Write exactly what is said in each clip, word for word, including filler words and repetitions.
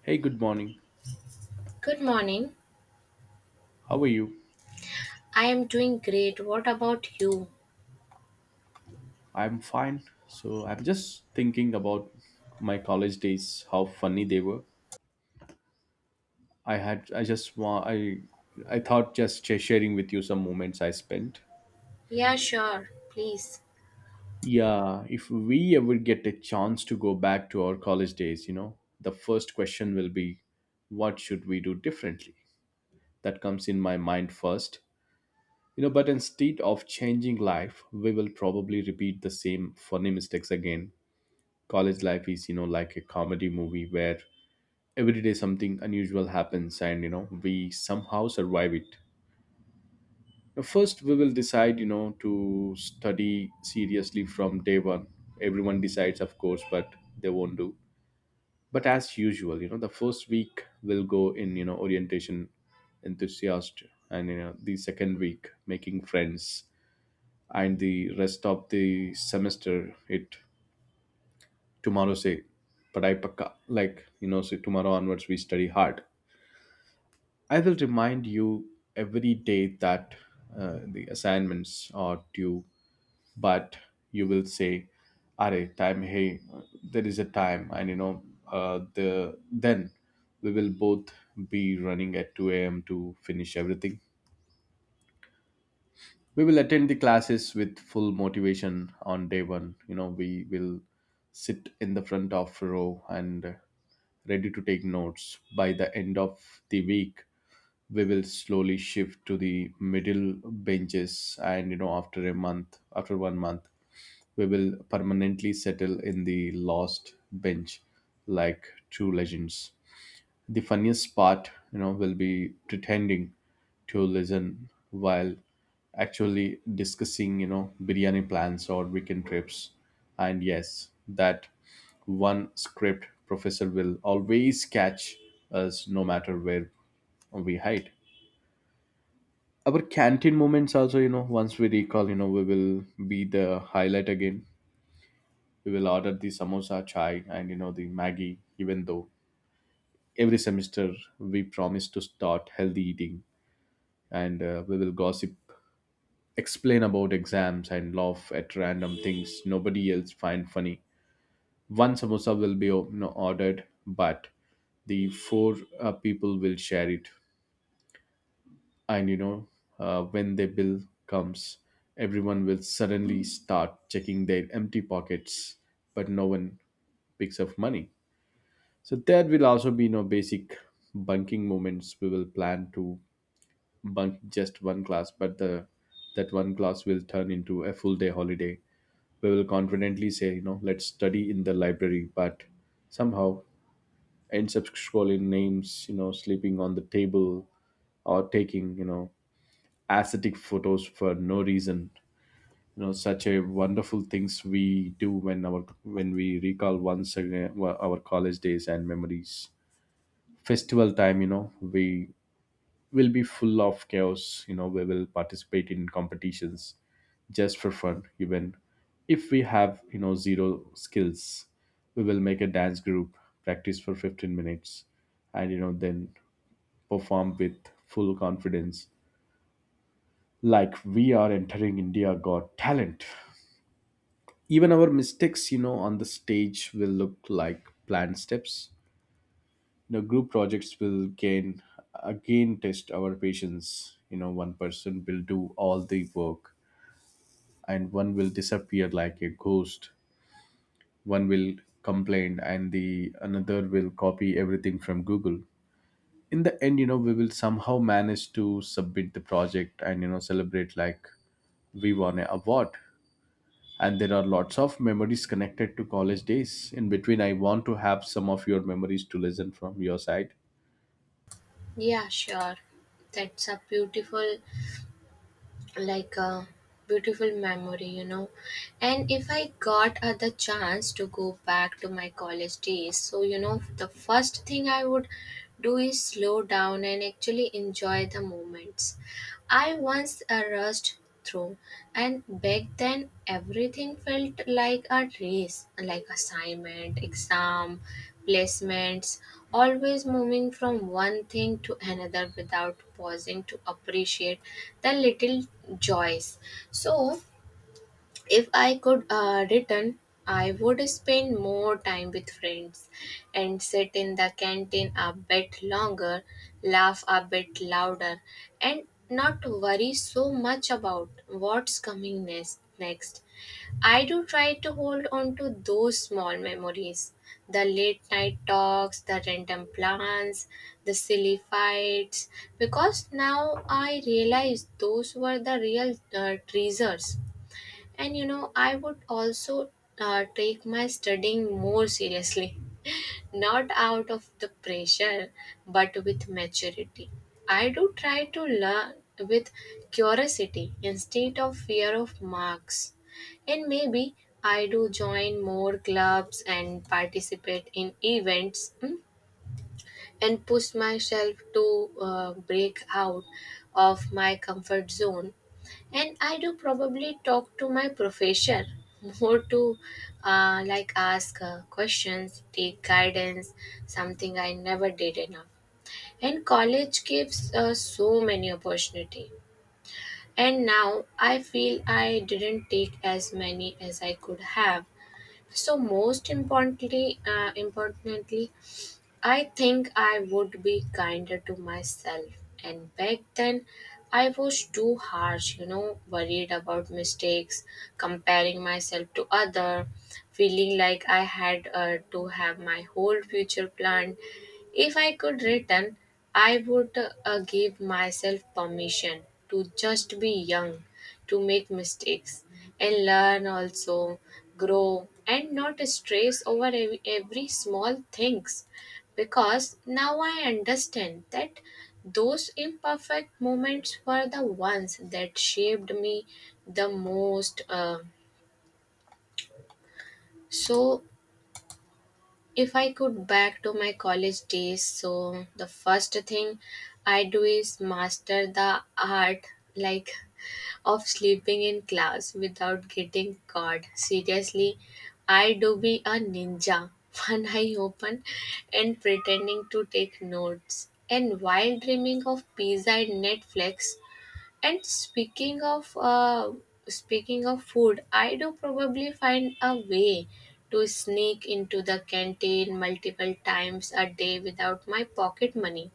Hey, good morning. Good morning. How are you? I am doing great. What about you? I'm fine. So I'm just thinking about my college days, how funny they were. I had I just want I I thought just sh- sharing with you some moments I spent. Yeah, sure. Please. Yeah, if we ever get a chance to go back to our college days, you know, the first question will be what should we do differently? That comes in my mind first. You know, but instead of changing life, we will probably repeat the same funny mistakes again. College life is, you know, like a comedy movie where every day something unusual happens, and you know, we somehow survive it. Now first, we will decide, you know, to study seriously from day one. Everyone decides, of course, but they won't do. But as usual, you know, the first week will go in, you know, orientation enthusiast, and you know, the second week making friends, and the rest of the semester it tomorrow say padai pakka, like you know, say tomorrow onwards we study hard. I will remind you every day that uh, the assignments are due, but you will say are time hey, there is a time, and you know, uh, the then we will both be running at two a.m to finish everything. We will attend the classes with full motivation. On day one, you know, we will sit in the front of row and ready to take notes. By the end of the week, we will slowly shift to the middle benches, and you know, after a month, after one month, we will permanently settle in the last bench, like true legends. The funniest part, you know, will be pretending to listen while actually discussing, you know, biryani plans or weekend trips. And yes, that one script professor will always catch us no matter where we hide. Our canteen moments also, you know, once we recall, you know, we will be the highlight again. We will order the samosa, chai, and, you know, the Maggie, even though every semester we promise to start healthy eating. And uh, we will gossip, explain about exams, and laugh at random things nobody else find funny. One samosa will be, you know, ordered, but the four uh, people will share it. And you know, uh, when the bill comes, everyone will suddenly start checking their empty pockets, but no one picks up money. So there will also be no basic bunking moments. We will plan to bunk just one class, but the that one class will turn into a full day holiday. We will confidently say, you know, let's study in the library, but somehow ends up scrolling names, you know, sleeping on the table or taking, you know, aesthetic photos for no reason. You know, such a wonderful things we do when our when we recall once again wa- our college days and memories. Festival time, you know, we will be full of chaos. You know, we will participate in competitions just for fun, even if we have, you know, zero skills. We will make a dance group, practice for fifteen minutes, and you know, then perform with full confidence, like we are entering India Got Talent. Even our mistakes, you know, on the stage will look like planned steps. You know, group projects will gain, again test our patience. You know, one person will do all the work, and one will disappear like a ghost, one will complain, and the another will copy everything from Google. In the end, you know, we will somehow manage to submit the project, and you know, celebrate like we won an award. And there are lots of memories connected to college days. In between, I want to have some of your memories to listen from your side. Yeah, sure. That's a beautiful, like a beautiful memory, you know. And if I got uh, the chance to go back to my college days, so you know, the first thing I would do is slow down and actually enjoy the moments. I once uh, rushed through. And back then, everything felt like a race, like assignment, exam, placements, always moving from one thing to another without pausing to appreciate the little joys. So, if I could uh, return, I would spend more time with friends and sit in the canteen a bit longer, laugh a bit louder, and not worry so much about what's coming next. Next, I do try to hold on to those small memories, the late night talks, the random plans, the silly fights, because now I realize those were the real uh, treasures. And you know, I would also uh, take my studying more seriously, not out of the pressure, but with maturity. I do try to learn with curiosity instead of fear of marks. And maybe I do join more clubs and participate in events, mm, and push myself to uh, break out of my comfort zone. And I do probably talk to my professor more to uh, like ask uh, questions, take guidance, something I never did enough. And college gives uh, so many opportunity. And now I feel I didn't take as many as I could have. So most importantly, uh, importantly, I think I would be kinder to myself. And back then, I was too harsh, you know, worried about mistakes, comparing myself to other, feeling like I had uh, to have my whole future planned. If I could return, I would uh, give myself permission to just be young, to make mistakes and learn also, grow and not stress over ev- every small things, because now I understand that those imperfect moments were the ones that shaped me the most. Uh, so, if I could back to my college days, so the first thing I do is master the art, like, of sleeping in class without getting caught. Seriously, I do be a ninja, one eye open and pretending to take notes, and while dreaming of pizza and Netflix. And speaking of uh, speaking of food, I do probably find a way to sneak into the canteen multiple times a day without my pocket money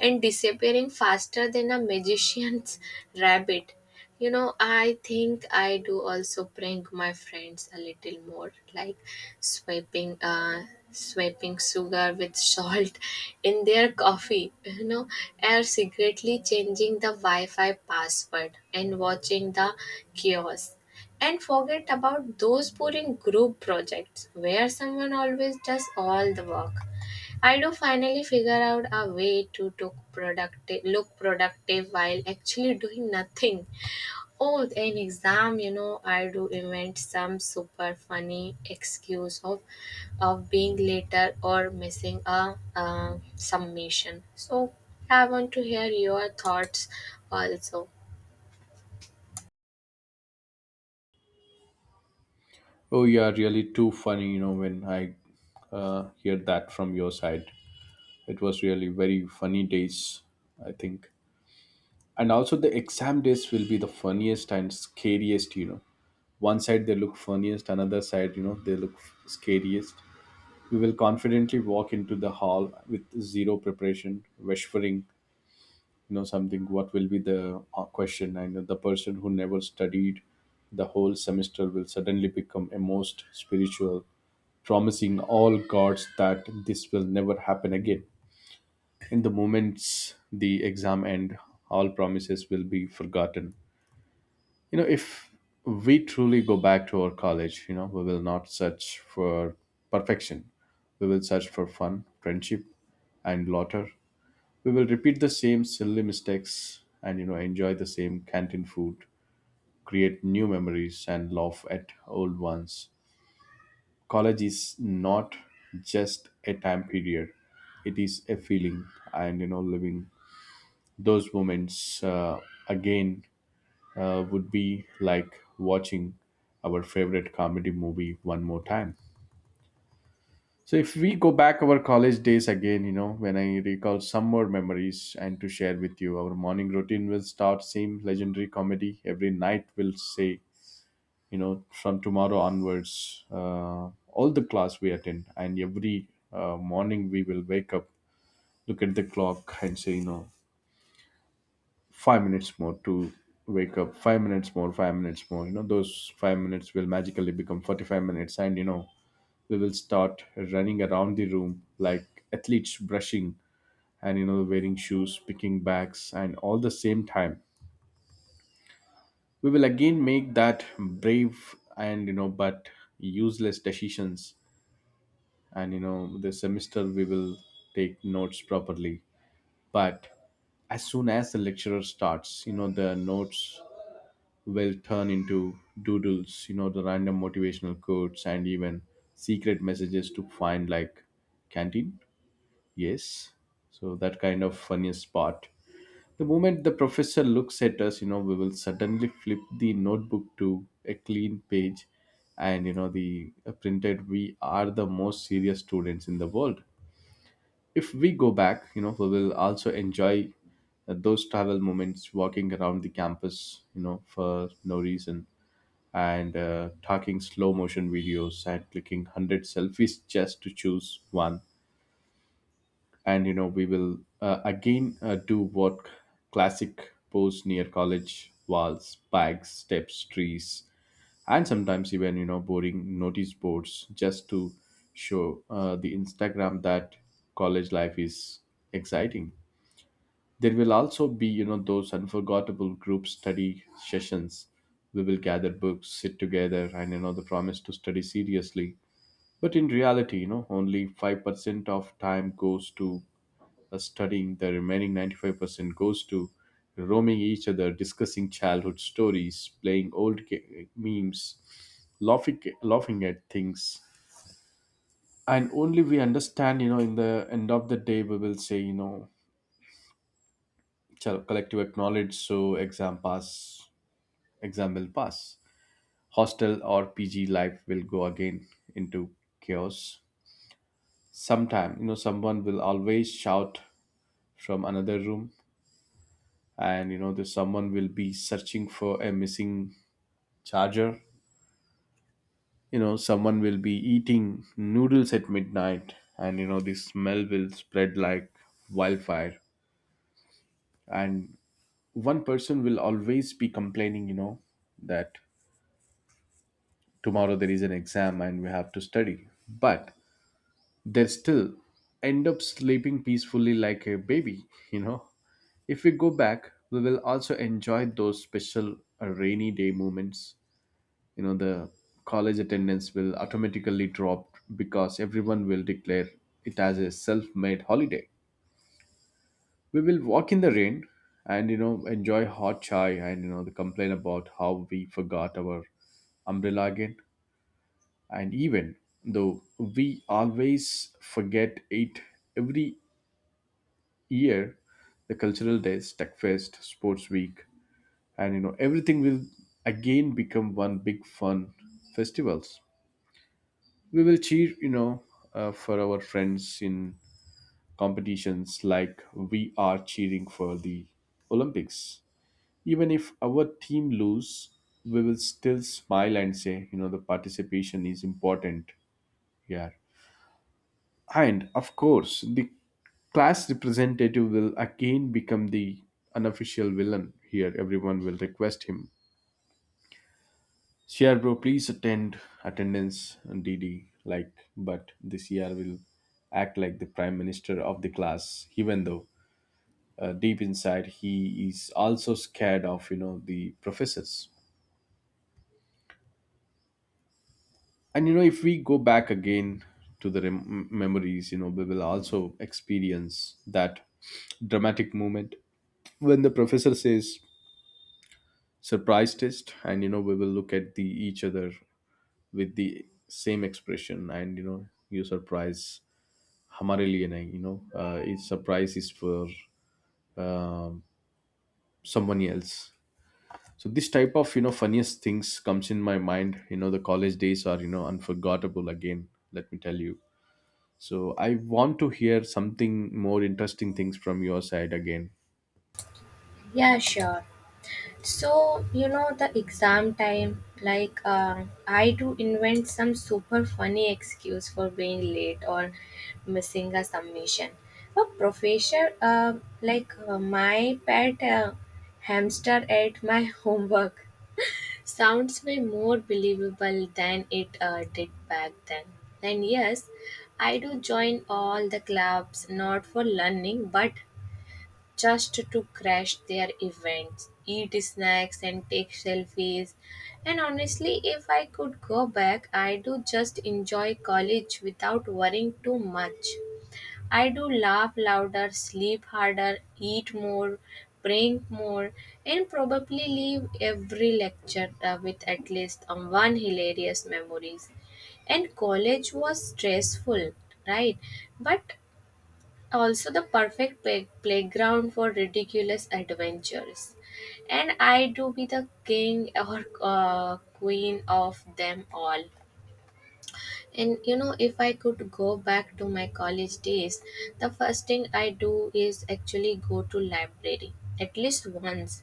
and disappearing faster than a magician's rabbit. You know, I think I do also prank my friends a little more, like swiping, uh, swiping sugar with salt in their coffee. You know, or secretly changing the Wi-Fi password and watching the chaos. And forget about those boring group projects where someone always does all the work. I do finally figure out a way to took productive, look productive while actually doing nothing. Oh, in exam, you know, I do invent some super funny excuse of of being later or missing a, uh submission. So I want to hear your thoughts also. Oh, you are really too funny, you know. When I uh, hear that from your side, it was really very funny days, I think. And also the exam days will be the funniest and scariest, you know. One side they look funniest, another side, you know, they look scariest. You will confidently walk into the hall with zero preparation, whispering, you know, something what will be the uh, question. And the person who never studied the whole semester will suddenly become a most spiritual, promising all gods that this will never happen again. In the moments the exam end, all promises will be forgotten. You know, if we truly go back to our college, you know, we will not search for perfection. We will search for fun, friendship, and laughter. We will repeat the same silly mistakes, and you know, enjoy the same canteen food, create new memories, and laugh at old ones. College is not just a time period, it is a feeling. And you know, living those moments uh, again uh, would be like watching our favorite comedy movie one more time. So if we go back our college days again, you know, when I recall some more memories and to share with you, our morning routine will start same legendary comedy. Every night will say, you know, from tomorrow onwards, uh, all the class we attend. And every uh, morning we will wake up, look at the clock and say, you know, five minutes more to wake up, five minutes more, five minutes more. You know, those five minutes will magically become forty-five minutes. And you know, we will start running around the room like athletes, brushing, and you know, wearing shoes, picking bags, and all the same time. We will again make that brave and you know, but useless decisions. And you know, the semester we will take notes properly, but as soon as the lecturer starts, you know, the notes will turn into doodles, you know, the random motivational quotes and even secret messages to find like canteen. Yes. So that kind of funniest part. The moment the professor looks at us, you know, we will suddenly flip the notebook to a clean page, and you know, the uh, printed we are the most serious students in the world. If we go back, you know, we will also enjoy uh, those travel moments, walking around the campus, you know, for no reason, and uh, talking slow motion videos and clicking one hundred selfies just to choose one. And you know, we will uh, again uh, do what, classic pose near college walls, bags, steps, trees, and sometimes even, you know, boring notice boards, just to show uh, the Instagram that college life is exciting. There will also be, you know, those unforgettable group study sessions. We will gather books, sit together, and you know, the promise to study seriously. But in reality, you know, only five percent of time goes to uh, studying, the remaining ninety-five percent goes to roaming each other, discussing childhood stories, playing old ga- memes, laughing, laughing at things. And only we understand, you know, in the end of the day, we will say, you know, chal- collective acknowledge so exam pass, exam will pass. Hostel or P G life will go again into chaos. Sometime, you know, someone will always shout from another room, and you know, the someone will be searching for a missing charger. You know, someone will be eating noodles at midnight, and you know, the smell will spread like wildfire. And one person will always be complaining, you know, that tomorrow there is an exam and we have to study. But they still end up sleeping peacefully like a baby, you know. If we go back, we will also enjoy those special uh, rainy day moments. You know, the college attendance will automatically drop because everyone will declare it as a self made holiday. We will walk in the rain and, you know, enjoy hot chai and, you know, complain about how we forgot our umbrella again, and even though we always forget it every year. The cultural days, tech fest, sports week, and you know, everything will again become one big fun festivals. We will cheer, you know, uh, for our friends in competitions, like we are cheering for the Olympics. Even if our team lose, we will still smile and say, you know, the participation is important. Yeah. And of course, the class representative will again become the unofficial villain here. Everyone will request him, C R bro, please attend attendance and D D. Like, but the C R will act like the prime minister of the class, even though uh, deep inside he is also scared of, you know, the professors. And you know, if we go back again to the rem- memories, you know, we will also experience that dramatic moment when the professor says surprise test, and you know we will look at the each other with the same expression. And you know, you surprise hamare liye nahi, you know, uh, it's surprise is for um, someone else. So this type of, you know, funniest things comes in my mind. You know, the college days are, you know, unforgettable. Again let me tell you, so I want to hear something more interesting things from your side again. Yeah, sure. So, you know, the exam time, like, um, I do invent some super funny excuse for being late or missing a submission. A professor, uh, like uh, my pet uh, hamster ate my homework, sounds way more believable than it uh, did back then. And yes, I do join all the clubs, not for learning, but just to crash their events, eat snacks, and take selfies. And honestly, if I could go back, I do just enjoy college without worrying too much. I do laugh louder, sleep harder, eat more, drink more, and probably leave every lecture uh, with at least um, one hilarious memories. And college was stressful, right? But also the perfect play- playground for ridiculous adventures, and I do be the king or uh, queen of them all. And you know, if I could go back to my college days, the first thing I do is actually go to library at least once,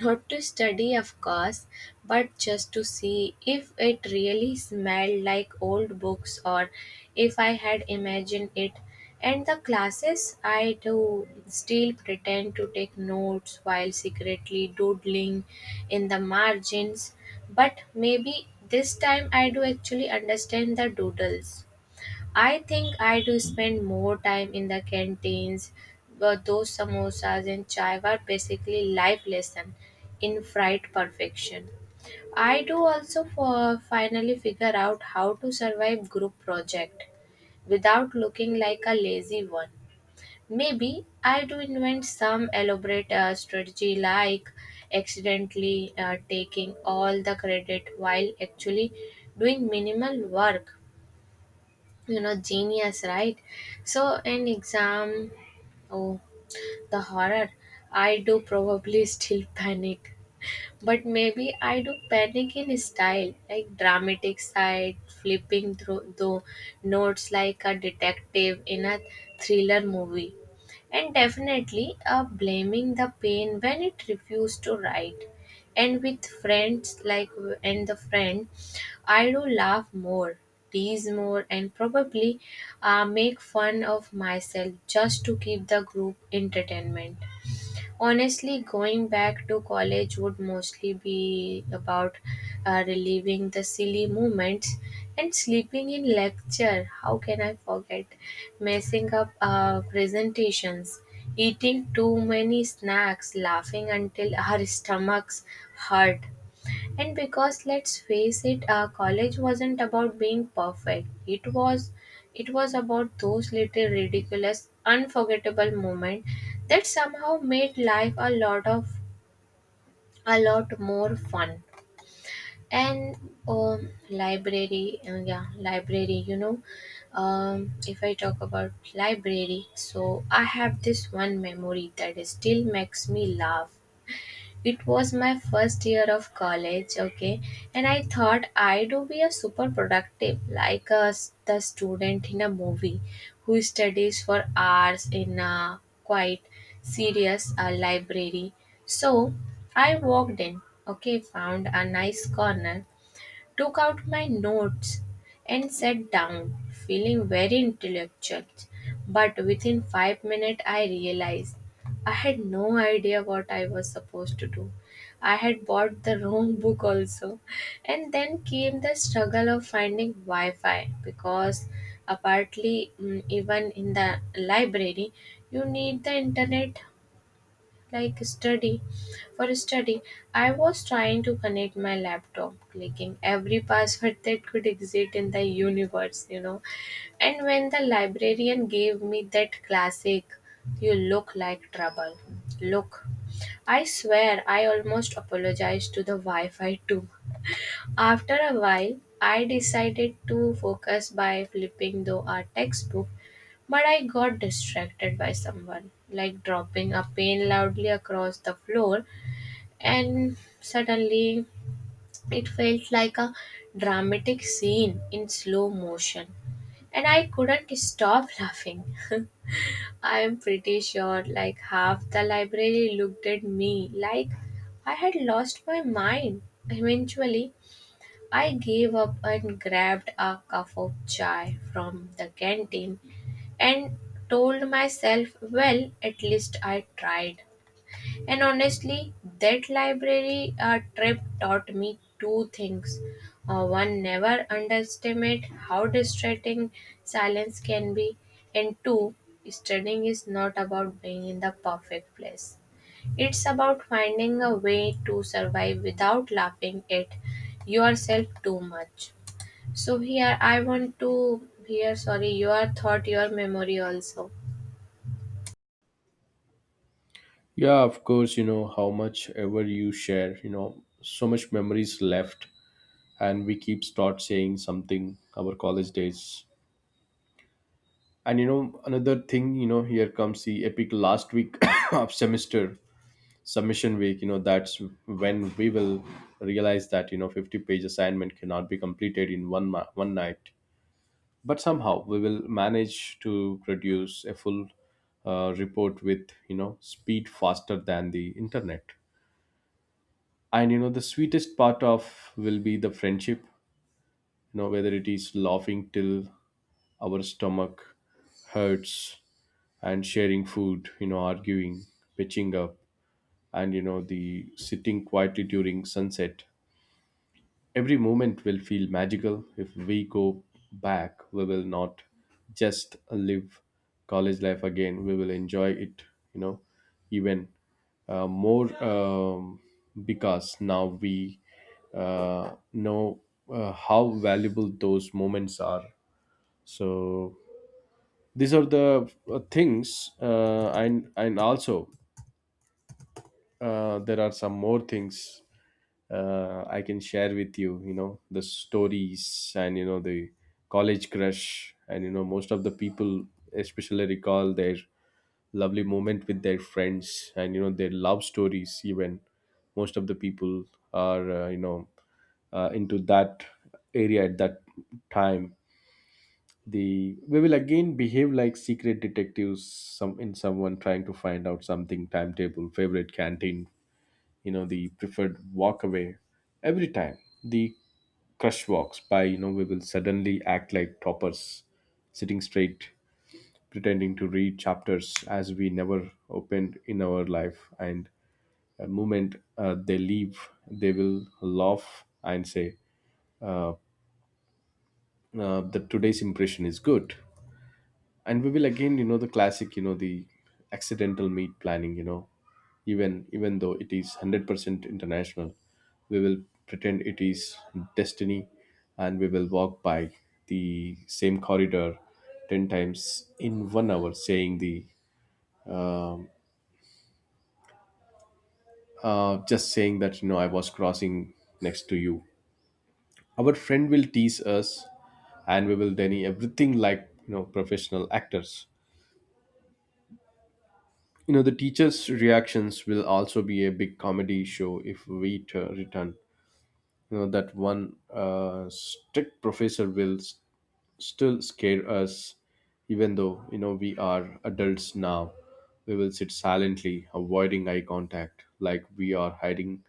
not to study, of course, but just to see if it really smelled like old books or if I had imagined it. And the classes, I do still pretend to take notes while secretly doodling in the margins, but maybe this time I do actually understand the doodles. I think I do spend more time in the canteens, but those samosas and chai were basically life lesson in fried perfection. I do also for finally figure out how to survive group project without looking like a lazy one. Maybe I do invent some elaborate uh, strategy, like accidentally uh, taking all the credit while actually doing minimal work. You know, genius, right? So in exam, oh, the horror, I do probably still panic, but maybe I do panic in style, like dramatic side, flipping through the notes like a detective in a thriller movie. And definitely uh, blaming the pain when it refused to write. And with friends like and the friend, I do laugh more, tease more, and probably uh, make fun of myself just to keep the group entertainment. Honestly, going back to college would mostly be about uh, reliving the silly moments and sleeping in lecture. How can I forget? Messing up uh, presentations, eating too many snacks, laughing until our stomachs hurt, and because let's face it, uh, college wasn't about being perfect. It was it was about those little ridiculous, unforgettable moments that somehow made life a lot of a lot more fun. And um, library, uh, yeah, library. You know, um, if I talk about library, so I have this one memory that still makes me laugh. It was my first year of college, okay, and I thought I do be a super productive, like a, s- the student in a movie who studies for hours in a quite serious uh, library. So I walked in, okay, found a nice corner, took out my notes, and sat down, feeling very intellectual. But within five minutes, I realized I had no idea what I was supposed to do. I had bought the wrong book also. And then came the struggle of finding Wi Fi because, apparently, mm, even in the library, you need the internet, like study for study. I was trying to connect my laptop, clicking every password that could exist in the universe, you know. And when the librarian gave me that classic "you look like trouble" look, I swear I almost apologized to the Wi-Fi too. After a while, I decided to focus by flipping through a textbook, but I got distracted by someone, like dropping a pen loudly across the floor, and suddenly it felt like a dramatic scene in slow motion. And I couldn't stop laughing. I am pretty sure like half the library looked at me like I had lost my mind. Eventually, I gave up and grabbed a cup of chai from the canteen and told myself, well, at least I tried. And honestly, that library uh, trip taught me two things. Uh, one, never underestimate how distracting silence can be, and two, studying is not about being in the perfect place. It's about finding a way to survive without laughing at yourself too much. So here I want to hear, sorry, your thought your memory also. Yeah, of course, you know, how much ever you share, you know, so much memories left and we keep start saying something our college days. And you know, another thing, you know, here comes the epic last week of semester submission week, you know, that's when we will realize that, you know, fifty page assignment cannot be completed in one ma- one night. But somehow we will manage to produce a full uh, report with, you know, speed faster than the internet. And you know, the sweetest part of will be the friendship, you know, whether it is laughing till our stomach hurts and sharing food, you know, arguing, pitching up, and you know, the sitting quietly during sunset. Every moment will feel magical. If we go back, we will not just live college life again, we will enjoy it, you know, even uh, more um, because now we uh, know uh, how valuable those moments are. So these are the uh, things, uh, and, and also uh, there are some more things uh, I can share with you, you know, the stories and, you know, the college crush. And, you know, most of the people especially recall their lovely moment with their friends and, you know, their love stories, even. Most of the people are, uh, you know, uh, into that area at that time. The we will again behave like secret detectives, some in someone trying to find out something, timetable, favorite canteen, you know, the preferred walk away. Every time the crush walks by, you know, we will suddenly act like toppers, sitting straight, pretending to read chapters as we never opened in our life. And the moment uh, they leave, they will laugh and say uh, uh, that today's impression is good. And we will again, you know, the classic, you know, the accidental meat planning, you know, even even though it is one hundred percent international, we will pretend it is destiny. And we will walk by the same corridor ten times in one hour saying the um, uh, just saying that, you know, I was crossing next to you. Our friend will tease us and we will deny everything like, you know, professional actors. You know, the teachers' reactions will also be a big comedy show if we t- return. You know, that one uh, strict professor will s- still scare us, even though, you know, we are adults now. We will sit silently, avoiding eye contact, like we are hiding,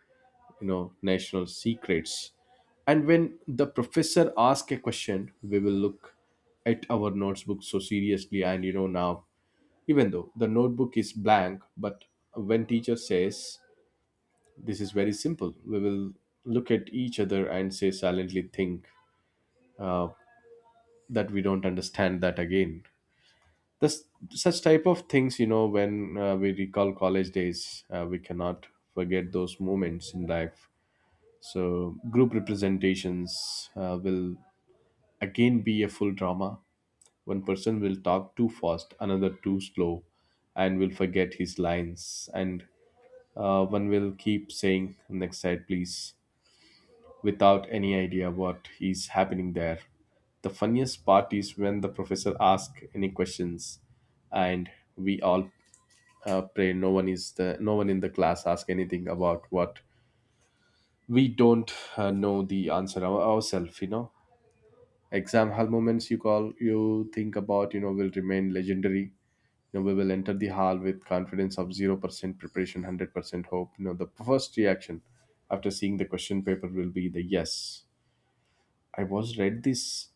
you know, national secrets. And when the professor asks a question, we will look at our notebook so seriously. And you know, now even though the notebook is blank, but when teacher says this is very simple, we will look at each other and say silently think uh, that we don't understand that again. This such type of things, you know, when uh, we recall college days, uh, we cannot forget those moments in life. So group representations uh, will again be a full drama. One person will talk too fast, another too slow, and will forget his lines. And uh, one will keep saying, "Next slide, please," without any idea what is happening there. The funniest part is when the professor asks any questions and we all uh, pray no one is the no one in the class ask anything about what we don't uh, know the answer our, ourselves, you know. Exam hall moments you call you think about, you know, will remain legendary. You know, we will enter the hall with confidence of zero percent preparation, one hundred percent hope. You know, the first reaction after seeing the question paper will be the yes. I was read this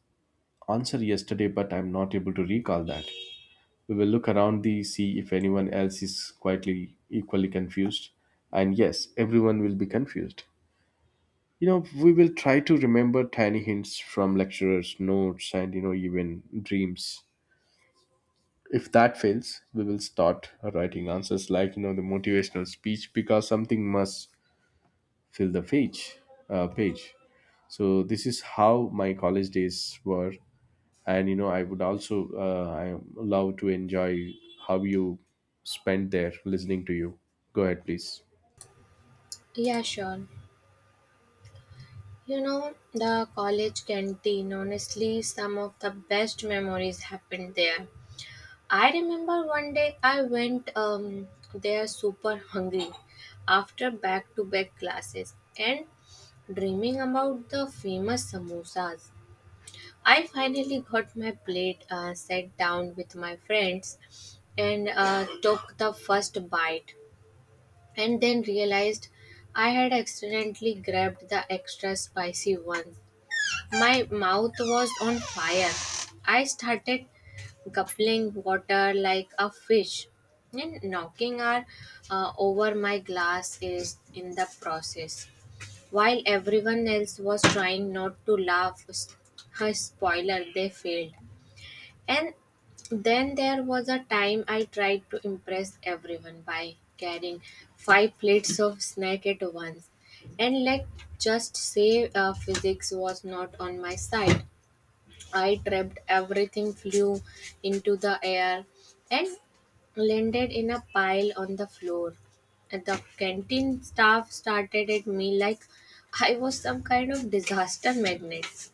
answer yesterday, but I'm not able to recall that. We will look around the see if anyone else is quietly equally confused. And yes, everyone will be confused. You know, we will try to remember tiny hints from lecturers, notes, and you know, even dreams. If that fails, we will start writing answers like, you know, the motivational speech, because something must fill the page uh, page So this is how my college days were. And you know, I would also uh, I love to enjoy how you spent there. Listening to you, go ahead please. Yeah, sure. You know, the college canteen, honestly some of the best memories happened there. I remember one day I went um there super hungry after back to back classes and dreaming about the famous samosas. I finally got my plate, uh, sat down with my friends, and uh, took the first bite, and then realized I had accidentally grabbed the extra spicy one. My mouth was on fire. I started guzzling water like a fish and knocking her uh, over my glass is in the process. While everyone else was trying not to laugh, s- her spoiler, they failed. And then there was a time I tried to impress everyone by carrying five plates of snack at once. And let's just say uh, physics was not on my side. I tripped, everything flew into the air and landed in a pile on the floor. And the canteen staff started at me like I was some kind of disaster magnet.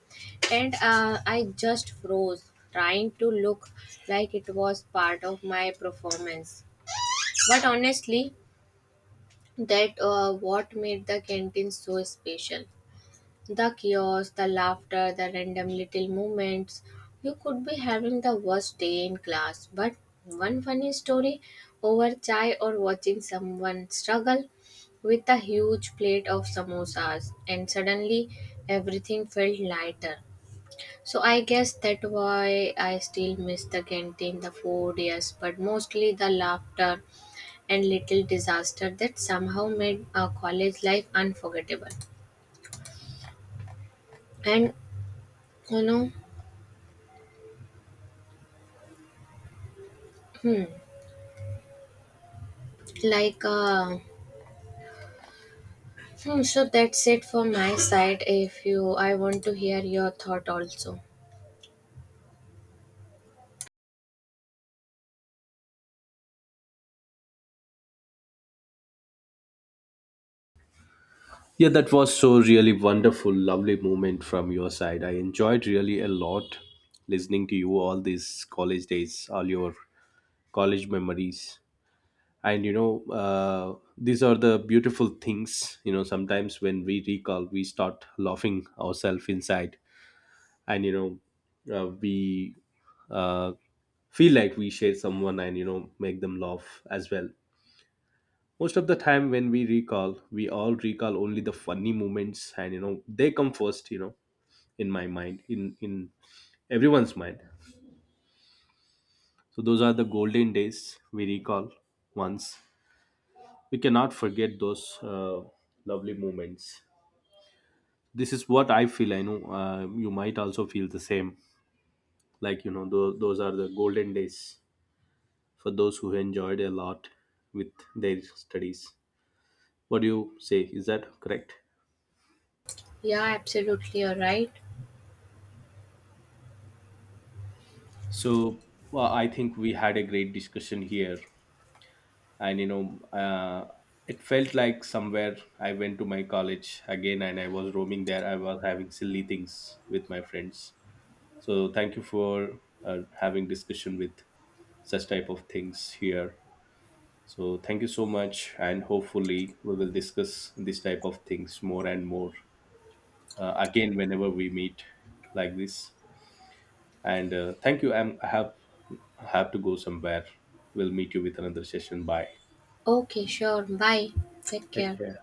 And uh, I just froze, trying to look like it was part of my performance. But honestly, that uh, what made the canteen so special. The chaos, the laughter, the random little moments. You could be having the worst day in class, but one funny story over chai or watching someone struggle with a huge plate of samosas, and suddenly everything felt lighter. So I guess that why I still miss the canteen, the food, yes, but mostly the laughter and little disaster that somehow made our college life unforgettable. And you know, hmm, like uh, hmm, so that's it for my side. If you I want to hear your thought also. Yeah, that was so really wonderful lovely moment from your side. I enjoyed really a lot listening to you, all these college days, all your college memories. And you know, uh, these are the beautiful things. You know, sometimes when we recall, we start laughing ourselves inside. And you know, uh, we uh, feel like we share someone and, you know, make them laugh as well. Most of the time when we recall, we all recall only the funny moments. And you know, they come first, you know, in my mind, in in everyone's mind. So those are the golden days we recall. Once, we cannot forget those uh, lovely moments. This is what I feel. I know, uh, you might also feel the same, like you know, th- those are the golden days for those who enjoyed a lot with their studies. What do you say, is that correct? Yeah, absolutely. All right. So well, I think we had a great discussion here. And you know, uh, it felt like somewhere I went to my college again and I was roaming there, I was having silly things with my friends. So thank you for uh, having discussion with such type of things here. So thank you so much, and hopefully we will discuss this type of things more and more uh, again whenever we meet like this. And uh, thank you. I'm, I have have to go somewhere. We'll meet you with another session. Bye. Okay, sure. Bye. Take Take care. care.